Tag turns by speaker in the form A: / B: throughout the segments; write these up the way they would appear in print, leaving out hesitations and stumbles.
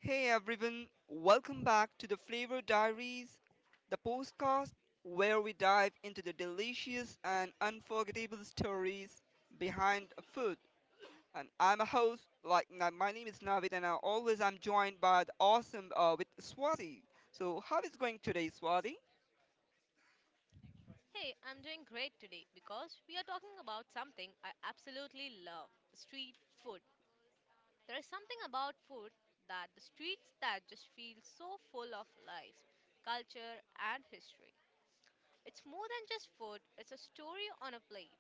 A: Hey everyone, welcome back to the Flavor Diaries, the podcast where we dive into the delicious and unforgettable stories behind food. And I'm a host, my name is Navid, and I always am joined by the awesome with Swati. So how is going today, Swati?
B: Hey, I'm doing great today because we are talking about something I absolutely love street food. There is something about food that the streets that just feel so full of life, culture, and history. It's more than just food, it's a story on a plate.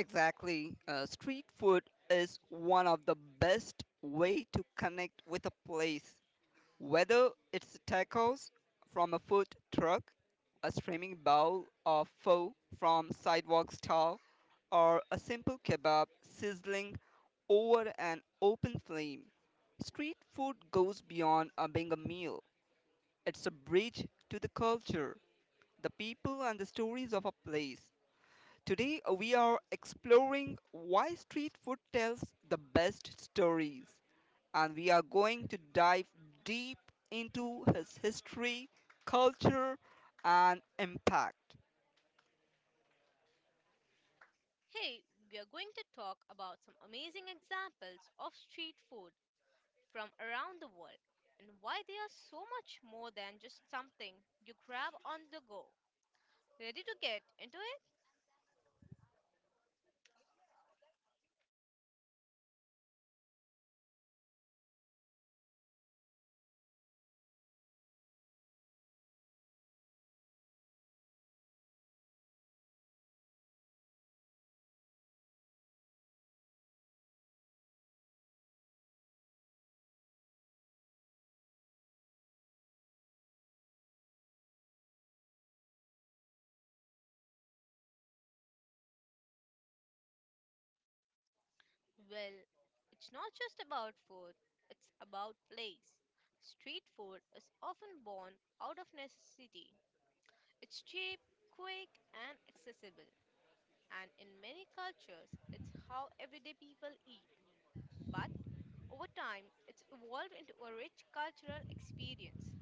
A: Exactly, street food is one of the best way to connect with a place. Whether it's tacos from a food truck, a steaming bowl of pho from sidewalk stall, or a simple kebab sizzling over an open flame, street food goes beyond being a meal. It's a bridge to the culture, the people, and the stories of a place. Today, we are exploring why street food tells the best stories, and we are going to dive deep into his history, culture, and impact.
B: Hey, we are going to talk about some amazing examples of street food from around the world and why they are so much more than just something you grab on the go. Ready to get into it? Well, it's not just about food, it's about place. Street food is often born out of necessity. It's cheap, quick, and accessible, and in many cultures, it's how everyday people eat. But over time, it's evolved into a rich cultural experience.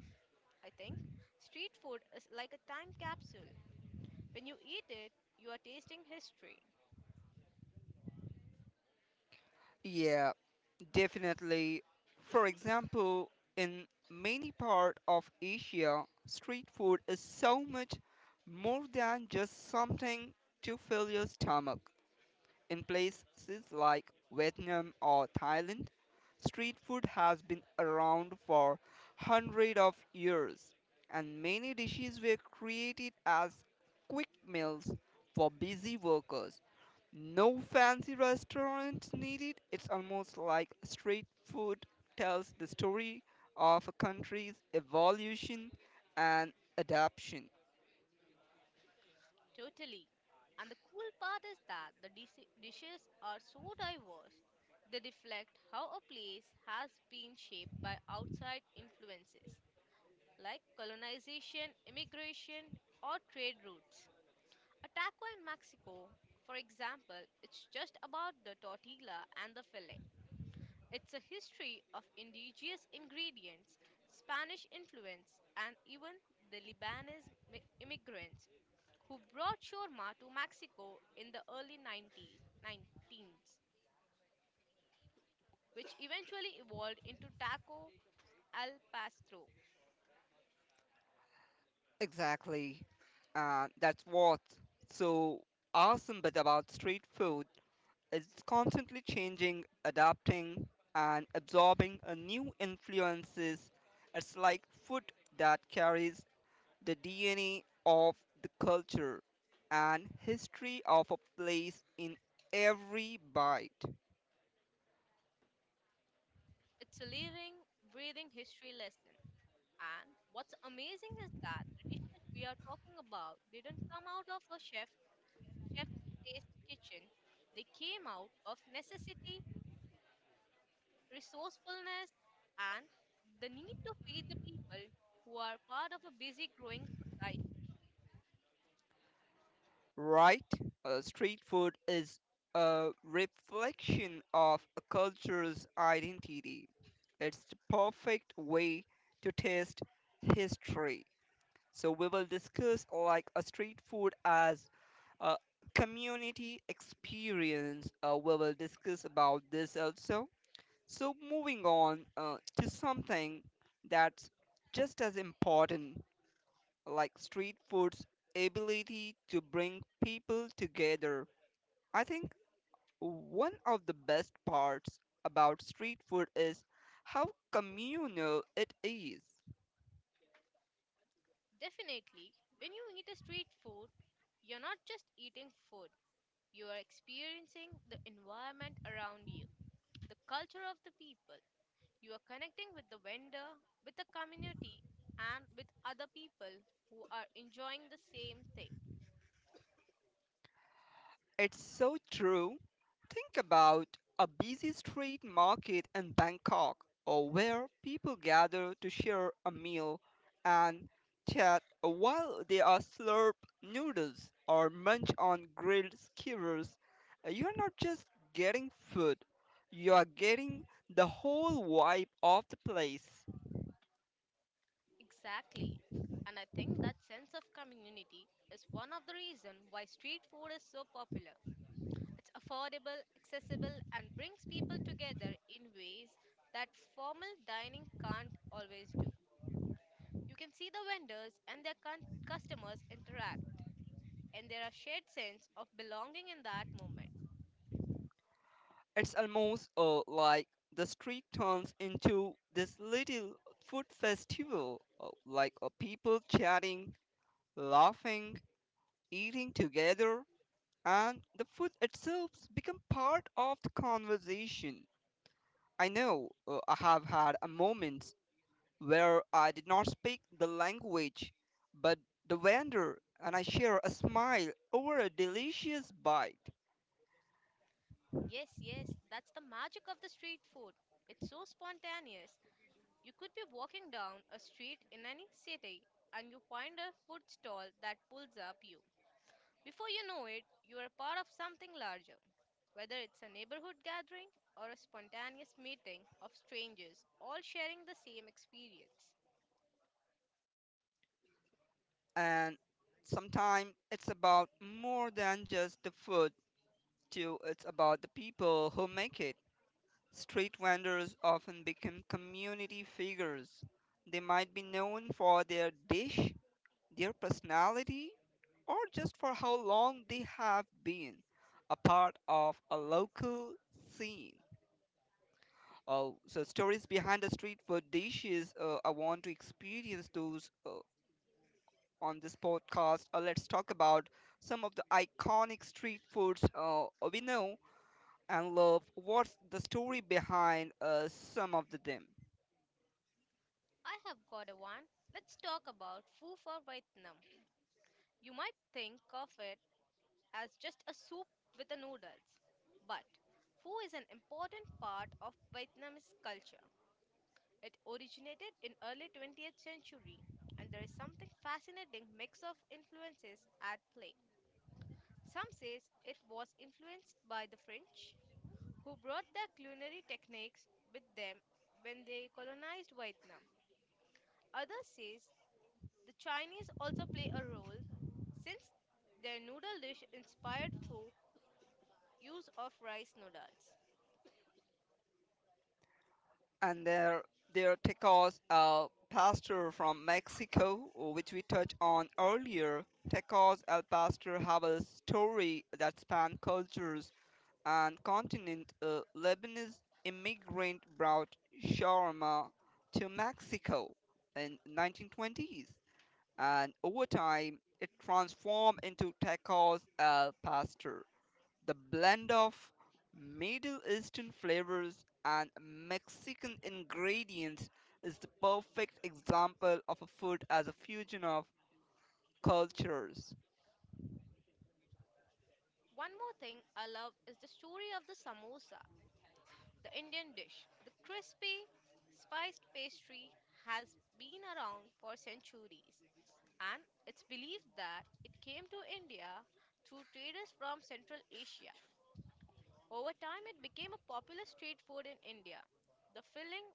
B: I think street food is like a time capsule. When you eat it, you are tasting history.
A: Yeah, definitely. For example, in many part of Asia, street food is so much more than just something to fill your stomach. In places like Vietnam or Thailand, street food has been around for hundreds of years, and many dishes were created as quick meals for busy workers. No fancy restaurants needed. It's almost like street food tells the story of a country's evolution and adaptation.
B: Totally. And the cool part is that the dishes are so diverse. They reflect how a place has been shaped by outside influences like colonization, immigration, or trade routes. A taco in Mexico, for example, it's just about the tortilla and the fillet. It's a history of indigenous ingredients, Spanish influence, and even the Lebanese immigrants who brought shawarma to Mexico in the early 90 19th, which eventually evolved into taco al pastor.
A: Exactly. And that's what's so awesome but about street food. It's constantly changing, adapting, and absorbing a new influences. It's like food that carries the DNA of the culture and history of a place in every bite.
B: It's a living, breathing history lesson. And what's amazing is that the dishes we are talking about didn't come out of a chef's taste kitchen. They came out of necessity resourcefulness, and the need to feed the people who are part of a busy growing society.
A: Right? Street food is a reflection of a culture's identity. It's the perfect way to taste history. So we will discuss like a street food as a community experience. We will discuss about this also. So moving on to something that's just as important, like street food's ability to bring people together. I think one of the best parts about street food is how communal it is.
B: Definitely, when you eat a street food, you're not just eating food, you are experiencing the environment around you, the culture of the people. You are connecting with the vendor, with the community, and with other people who are enjoying the same thing.
A: It's so true. Think about a busy street market in Bangkok or where people gather to share a meal and chat while they are slurp noodles or munch on grilled skewers. You're not just getting food, you are getting the whole vibe of the place.
B: Exactly. And I think that sense of community is one of the reasons why street food is so popular. It's affordable, accessible, and brings people together in ways that formal dining can't always do. You can see the vendors and their customers interact, and there are shared sense of belonging in that moment.
A: It's almost like the street turns into this little food festival, people chatting, laughing, eating together, and the food itself become part of the conversation. I know I have had a moment where I did not speak the language, but the vendor and I share a smile over a delicious bite,
B: Yes, yes, that's the magic of the street food. It's so spontaneous. You could be walking down a street in any city and you find a food stall that pulls up you. Before you know it, you are a part of something larger, whether it's a neighborhood gathering or a spontaneous meeting of strangers all sharing the same experience.
A: and sometimes it's about more than just the food too, it's about the people who make it. Street vendors often become community figures. They might be known for their dish, their personality, or just for how long they have been a part of a local scene. Oh, so stories behind the street food dishes. I want to experience those on this podcast. Let's talk about some of the iconic street foods we know and love what's the story behind some of the them.
B: I have got a one. Let's talk about Foo for Vietnam. You might think of it as just a soup with the noodles, but Pho is an important part of Vietnamese culture. It originated in early 20th century and there is something fascinating mix of influences at play. Some says it was influenced by the French, who brought their culinary techniques with them when they colonized Vietnam. Others says the Chinese also play a role since their noodle dish inspired folk use of rice noodles.
A: And their tacos al pastor from Mexico, which we touched on earlier. Tacos al pastor have a story that span cultures and continent. A Lebanese immigrant brought shawarma to Mexico in 1920s, and over time it transformed into tacos al pastor. The blend of Middle Eastern flavors and Mexican ingredients is the perfect example of a food as a fusion of cultures.
B: One more thing I love is the story of the samosa, the Indian dish. The crispy, spiced pastry has been around for centuries. And it's believed that it came to India through traders from Central Asia. Over time, it became a popular street food in India. The filling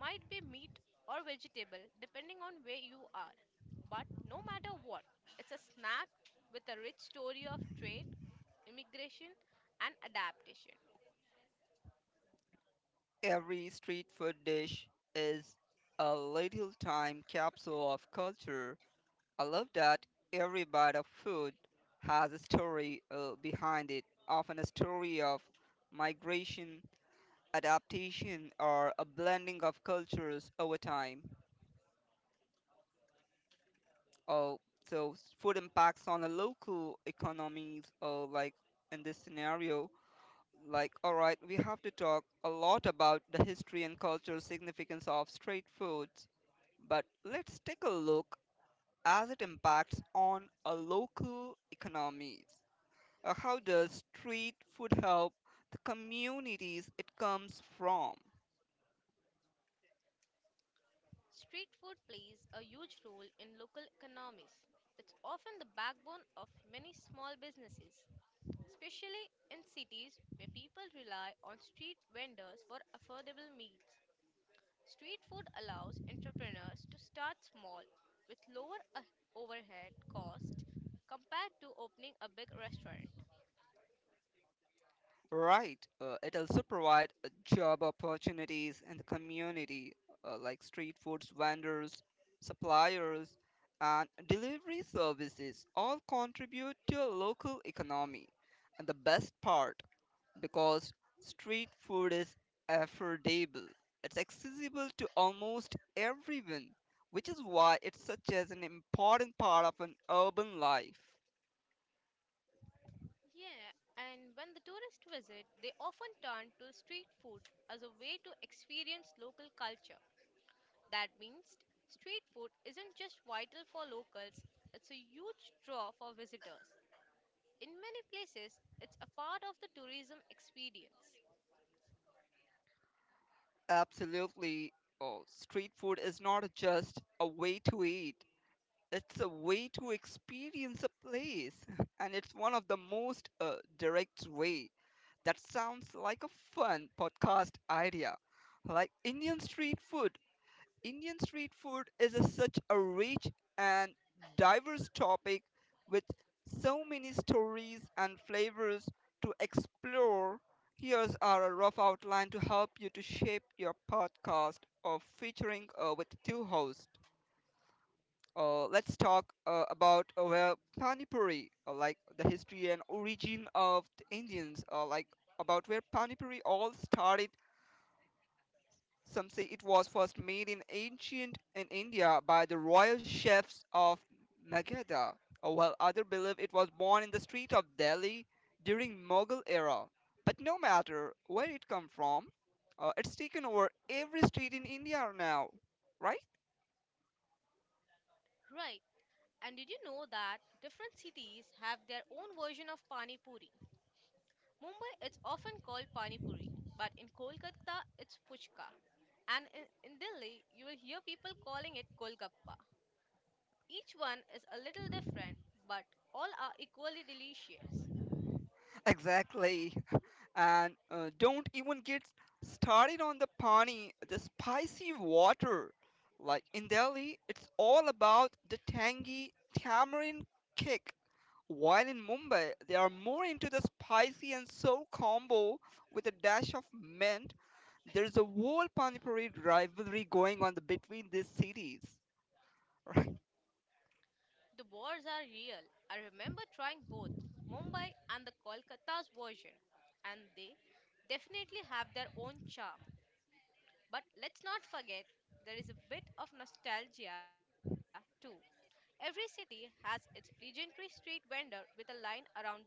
B: might be meat or vegetable, depending on where you are. But no matter what, it's a snack with a rich story of trade, immigration, and adaptation.
A: Every street food dish is a little time capsule of culture. I love that every bite of food has a story behind it, often a story of migration, adaptation, or a blending of cultures over time. Oh, so food impacts on the local economies. Oh, like in this scenario, like all right, we have to talk a lot about the history and cultural significance of street foods. But let's take a look as it impacts on a local economies. How does street food help the communities it comes from?
B: Street food plays a huge role in local economies. It's often the backbone of many small businesses, especially in cities where people rely on street vendors for affordable meals. Street food allows entrepreneurs to start small with lower overhead costs compared to opening a big restaurant.
A: Right. It also provides job opportunities in the community, like street foods vendors, suppliers, and delivery services all contribute to a local economy. And the best part, because street food is affordable, it's accessible to almost everyone, which is why it's such as an important part of an urban life.
B: Yeah, and when the tourists visit, they often turn to street food as a way to experience local culture. That means street food isn't just vital for locals, it's a huge draw for visitors. In many places, it's a part of the tourism experience.
A: Absolutely. Oh, street food is not just a way to eat, it's a way to experience a place. And it's one of the most direct way. That sounds like a fun podcast idea. Like Indian street food. Indian street food is a, such a rich and diverse topic with so many stories and flavors to explore. Here's our rough outline to help you to shape your podcast of featuring with two hosts. Let's talk about Pani Puri, like the history and origin of the Indians, like about where Pani Puri all started. Some say it was first made in ancient in India by the royal chefs of Magadha, while others believe it was born in the street of Delhi during Mughal era. But no matter where it come from, it's taken over every street in India now, right?
B: Right. And did you know that different cities have their own version of pani puri? Mumbai, it's often called pani puri, but in Kolkata, it's puchka. And in Delhi, you will hear people calling it golgappa. Each one is a little different, but all are equally delicious.
A: Exactly. And don't even get started on the pani, the spicy water. Like in Delhi, it's all about the tangy tamarind kick. While in Mumbai, they are more into the spicy and sour combo with a dash of mint. There's a whole panipuri rivalry going on the, between these cities. Right.
B: The wars are real. I remember trying both Mumbai and the Kolkata's version, and they definitely have their own charm. But let's not forget there is a bit of nostalgia too. Every city has its legendary street vendor with a line around the block.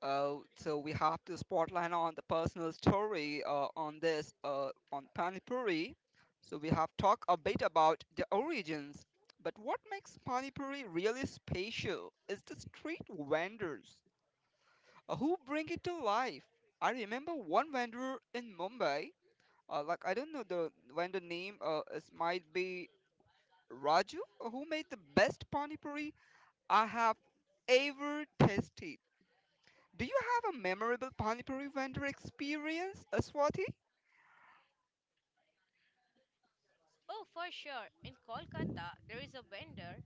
A: Oh, so we have to spotlight on the personal story on panipuri. So we have talked a bit about the origins, but what makes panipuri really special is the street vendors who bring it to life. I remember one vendor in Mumbai. Like I don't know the when the name is, might be Raju, who made the best panipuri I have ever tasted. Do you have a memorable panipuri vendor experience, Swati?
B: Oh, for sure. In Kolkata, there is a vendor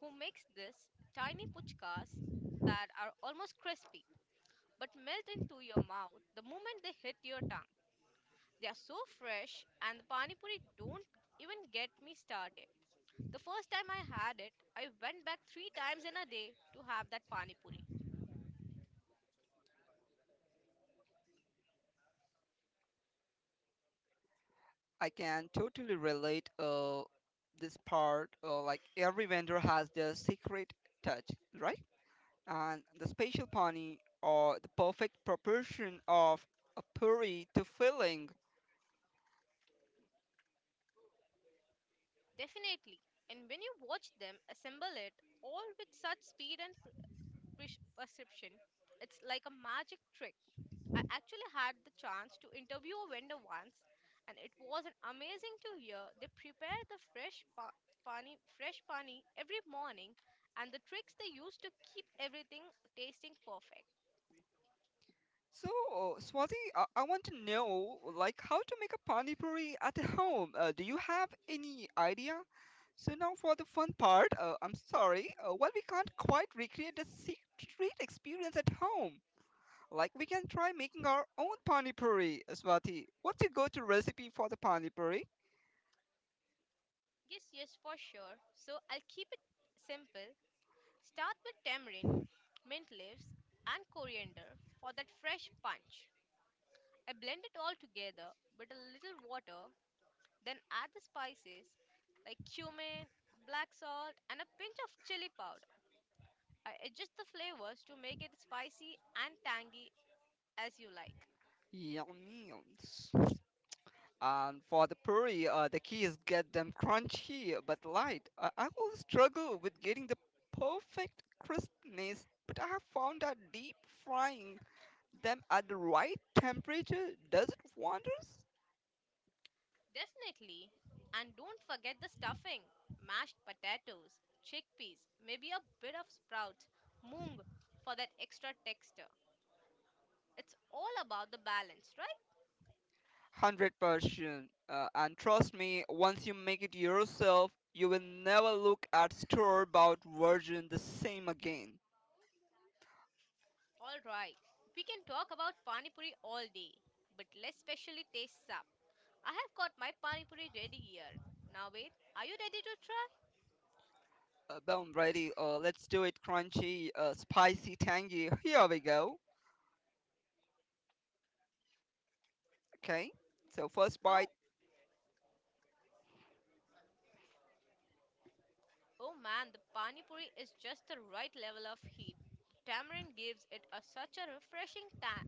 B: who makes this tiny puchkas that are almost crispy but melt into your mouth the moment they hit your tongue. They are so fresh, and the pani puri don't even get me started. The first time I had it, I went back three times in a day to have that pani puri.
A: I can totally relate this part, like every vendor has their secret touch, right? And the special pani or the perfect proportion of a puri to filling.
B: Definitely. And when you watch them assemble it all with such speed and perception, it's like a magic trick. I actually had the chance to interview a vendor once, and it was an amazing to hear. They prepare the fresh pani every morning, and the tricks they use to keep everything tasting perfect.
A: So, Swati, I want to know, like, how to make a pani puri at home. Do you have any idea? So now for the fun part, I'm sorry, well, we can't quite recreate the secret experience at home. Like, we can try making our own pani puri, Swati. What's your go-to recipe for the pani puri?
B: Yes, yes, for sure. So I'll keep it simple. Start with tamarind, mint leaves, and coriander for that fresh punch. I blend it all together with a little water. Then add the spices like cumin, black salt, and a pinch of chili powder. I adjust the flavors to make it spicy and tangy as you like.
A: Yum, yum. And for the puri, the key is get them crunchy but light. I always struggle with getting the perfect crispness, but I have found that deep frying them at the right temperature does it wonders.
B: Definitely. And don't forget the stuffing mashed potatoes, chickpeas, maybe a bit of sprouts, moong for that extra texture. It's all about the balance, right?
A: 100%. And trust me, once you make it yourself, you will never look at store-bought version the same again.
B: Alright, we can talk about Pani Puri all day, but let's specially taste some. I have got my pani puri ready here. Now wait, are you ready to try?
A: Boom, ready. Let's do it. Crunchy, spicy, tangy. Here we go. Okay. So first bite.
B: Oh, oh man, the pani puri is just the right level of heat. Tamarind gives it a such a refreshing tang,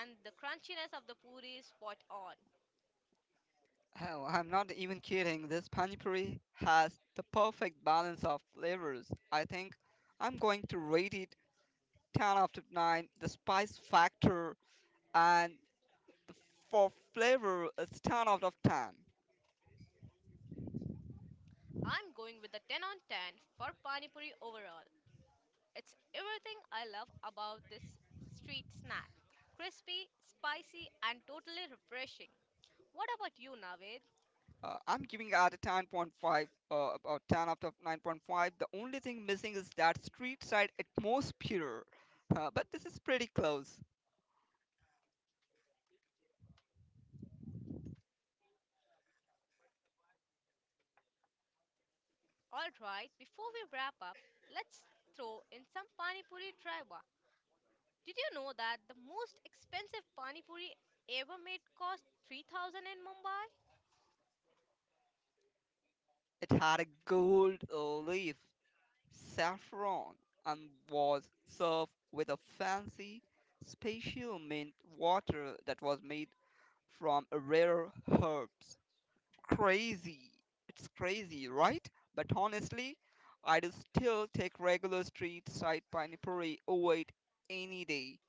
B: and the crunchiness of the puri is spot on.
A: Hell, I'm not even kidding. This panipuri has the perfect balance of flavors. I think I'm going to rate it 10 out of 9. The spice factor and the, for flavor, it's 10 out of 10.
B: I'm going with a 10 on 10 for pani puri overall. It's everything I love about this street snack. Crispy, spicy, and totally refreshing. What about you, Navid?
A: I'm giving out a 10.5, uh, about 10 out of 9.5. The only thing missing is that street side atmosphere. But this is pretty close.
B: Alright, before we wrap up, let's throw in some Pani Puri trivia. Did you know that the most expensive Pani Puri ever made cost 3,000 in Mumbai?
A: It had a gold leaf, saffron, and was served with a fancy, special mint water that was made from rare herbs. Crazy. It's crazy, right? But honestly, I'd still take regular street side panipuri over it any day.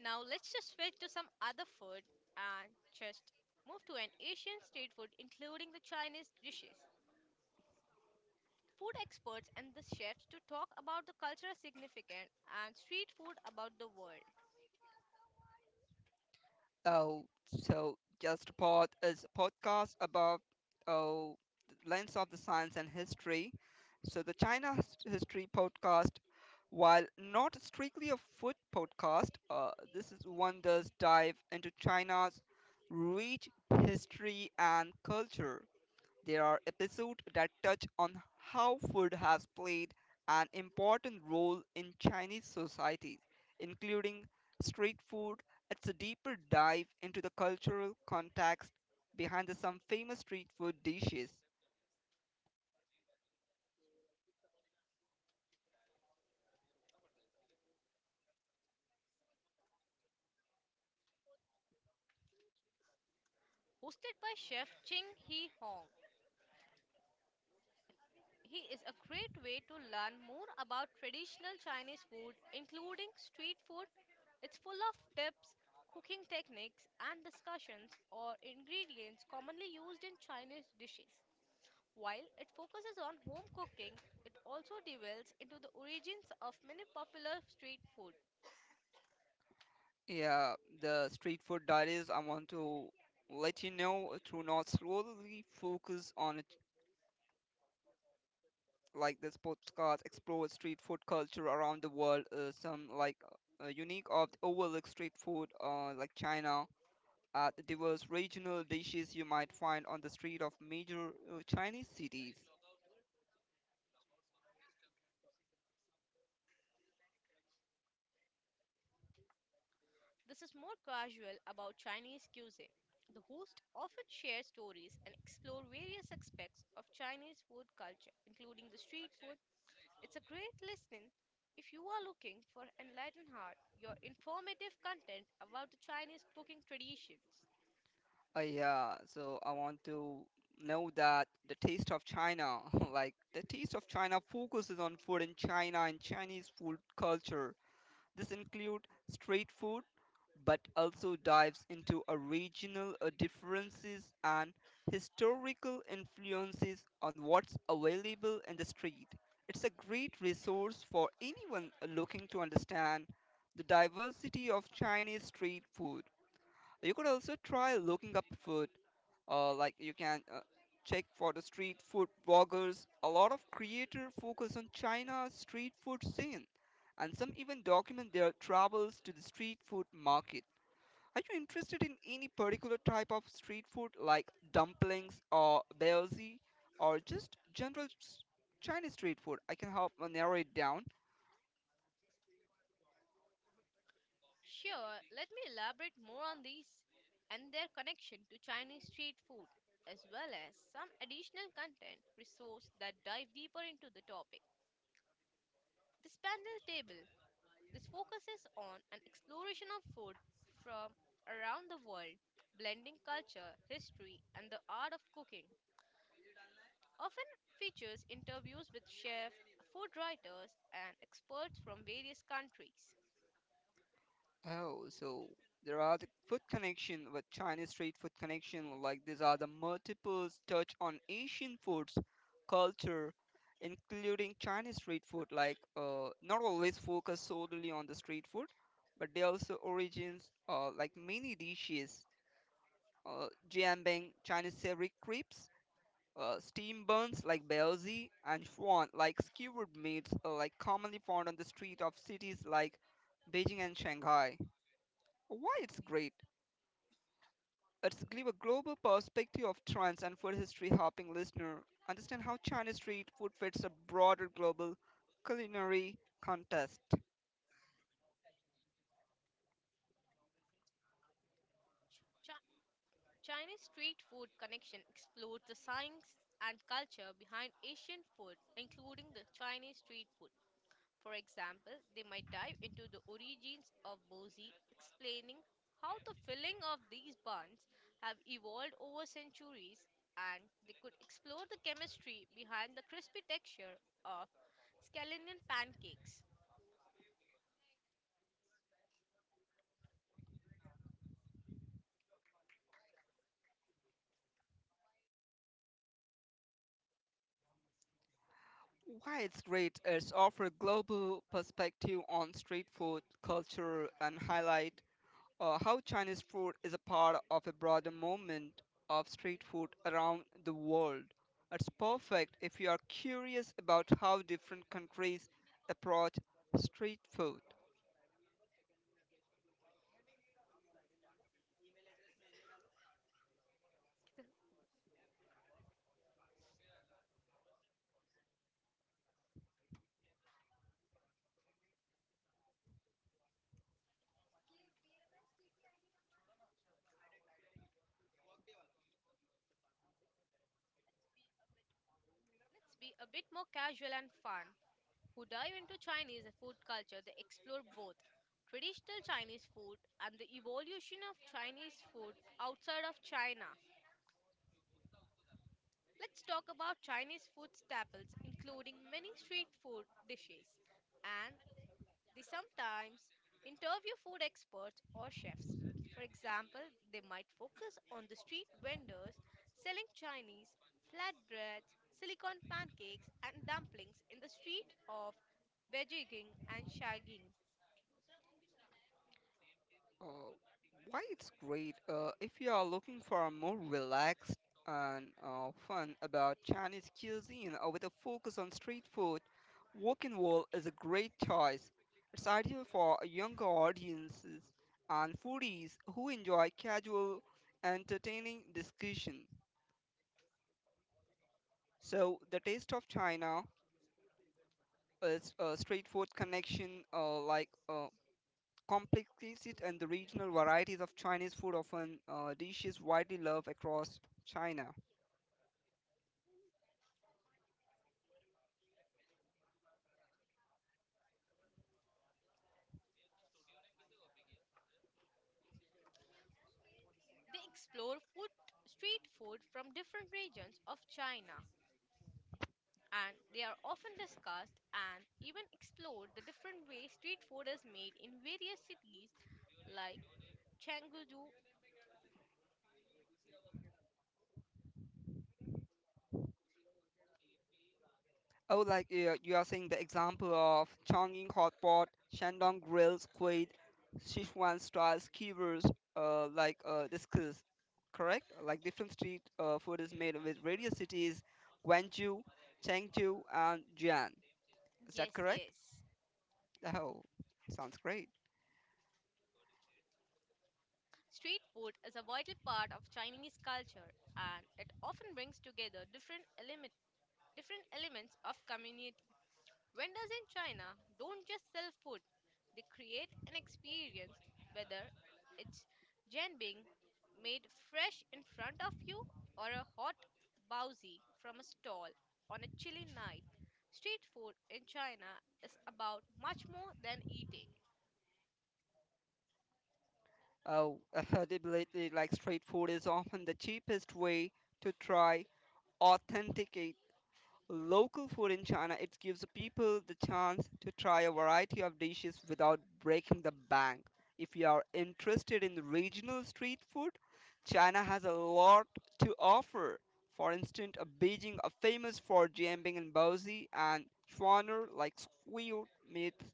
B: Now let's just switch to some other food and just move to an Asian street food including the Chinese dishes. Food experts and the chefs to talk about the cultural significance and street food about the world.
A: Oh, so Just a Pod is a podcast about oh the lens of the science and history. So the China history podcast, while not strictly a food podcast, this is one does dive into China's rich history and culture. There are episodes that touch on how food has played an important role in Chinese society, including street food. It's a deeper dive into the cultural context behind the, some famous street food dishes.
B: Hosted by chef Ching Hee Hong. He is a great way to learn more about traditional Chinese food, including street food. It's full of tips, cooking techniques, and discussions or ingredients commonly used in Chinese dishes. While it focuses on home cooking, it also delves into the origins of many popular street food.
A: Yeah, the street food diaries I want to let you know to not slowly focus on it, like this podcast explore street food culture around the world, some like unique of overlooked street food like China at the diverse regional dishes you might find on the street of major Chinese cities.
B: This is more casual about Chinese cuisine. The host often shares stories and explore various aspects of Chinese food culture, including the street food. It's a great listening if you are looking for Enlightened Heart, your informative content about the Chinese cooking traditions.
A: Yeah, so I want to know that the taste of China, like the taste of China focuses on food in China and Chinese food culture. This include street food, but also dives into a regional differences and historical influences on what's available in the street. It's a great resource for anyone looking to understand the diversity of Chinese street food. You could also try looking up food, like you can check for the street food bloggers. A lot of creators focus on China's street food scene, and some even document their travels to the street food market. Are you interested in any particular type of street food like dumplings or baozi or just general Chinese street food? I can help narrow it down.
B: Sure, let me elaborate more on these and their connection to Chinese street food, as well as some additional content resource that dive deeper into the topic. This panel table, this focuses on an exploration of food from around the world, blending culture, history, and the art of cooking often features interviews with chefs, food writers, and experts from various countries.
A: Oh, so there are the food connection with Chinese street food connection like these are the multiples touch on Asian foods culture including Chinese street food like not always focus solely on the street food but they also origins like many dishes Jianbeng, Chinese silvery crepes, steam buns like baozi, and shuan like skewered meats, like commonly found on the street of cities like Beijing and Shanghai. Why it's great? It's give a global perspective of trends and food history, helping listener understand how Chinese street food fits a broader global culinary contest.
B: Chi- Chinese street food connection explores the science and culture behind Asian food, including the Chinese street food. For example, they might dive into the origins of bozi, explaining how the filling of these buns have evolved over centuries, and they could explore the chemistry behind the crispy texture of scallion pancakes.
A: Why it's great is offer global perspective on street food culture and highlight how Chinese food is a part of a broader movement of street food around the world. It's perfect if you are curious about how different countries approach street food.
B: Let's be a bit more casual and fun. Who dive into Chinese food culture, they explore both traditional Chinese food and the evolution of Chinese food outside of China. Let's talk about Chinese food staples, including many street food dishes and they sometimes interview food experts or chefs. For example, they might focus on the street vendors selling Chinese flatbreads, silicon pancakes, and dumplings in the street of Beijing and Shagging.
A: Uh, why it's great if you are looking for a more relaxed and fun about Chinese cuisine with a focus on street food. Walking Wall is a great choice. It's ideal for younger audiences and foodies who enjoy casual, entertaining discussion. So, The Taste of China is a straightforward connection, complexities and the regional varieties of Chinese food, often dishes widely loved across China.
B: They explore food, street food from different regions of China and they are often discussed and even explored the different ways street food is made in various cities like Chengdu.
A: Oh, like you are saying the example of Chongqing hot pot, Shandong grilled squid, Sichuan style skewers, discussed, correct? Like different street food is made with various cities, Guangzhou, Chengdu, and Jian. Is that
B: Yes,
A: correct?
B: yes.
A: Oh, sounds great.
B: Street food is a vital part of Chinese culture and it often brings together different elements of community. Vendors in China don't just sell food, they create an experience, whether it's jenbing made fresh in front of you or a hot baozi from a stall on a chilly night. Street food in China is about much more than eating.
A: Oh, affordability, like street food is often the cheapest way to try authentic Local food in China, it gives people the chance to try a variety of dishes without breaking the bank. If you are interested in regional street food, China has a lot to offer. For instance, a Beijing are famous for jambing and baozi and schwaner like squid meats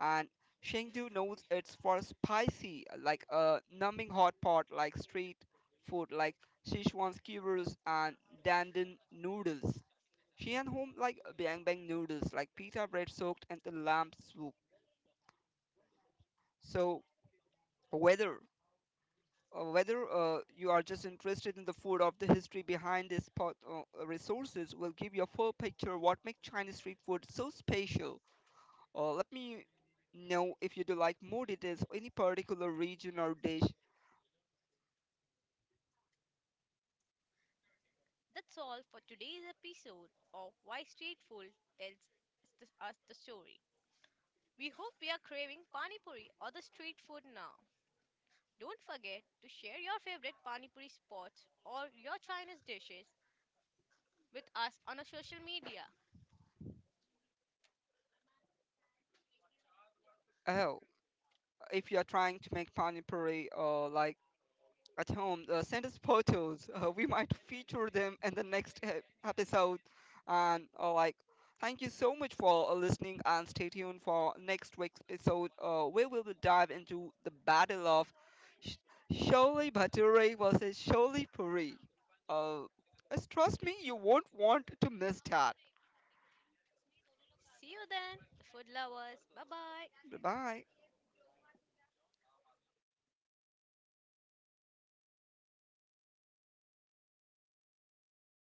A: and Chengdu knows it's for spicy like a numbing hot pot like street food like Sichuan skewers and dandan noodles. She and home like bang bang noodles, like pita bread soaked and the lamb soup. So whether whether you are just interested in the food of the history behind this pot, resources will give you a full picture what makes Chinese street food so special. Let me know if you do like more details or any particular region or dish.
B: That's all for today's episode of Why Street Food Tells Us the Story. We hope we are craving pani puri or the street food now. Don't forget to share your favorite pani puri spots or your Chinese dishes with us on our social media.
A: Oh, if you are trying to make pani puri or like at home, send us photos. We might feature them in the next episode. And like, thank you so much for listening, and stay tuned for next week's episode, where we will dive into the battle of Sh- Sholi Bhature versus Sholi Puri. Uh, just trust me, you won't want to miss that.
B: See you then, the food lovers. Bye bye.
A: Bye bye.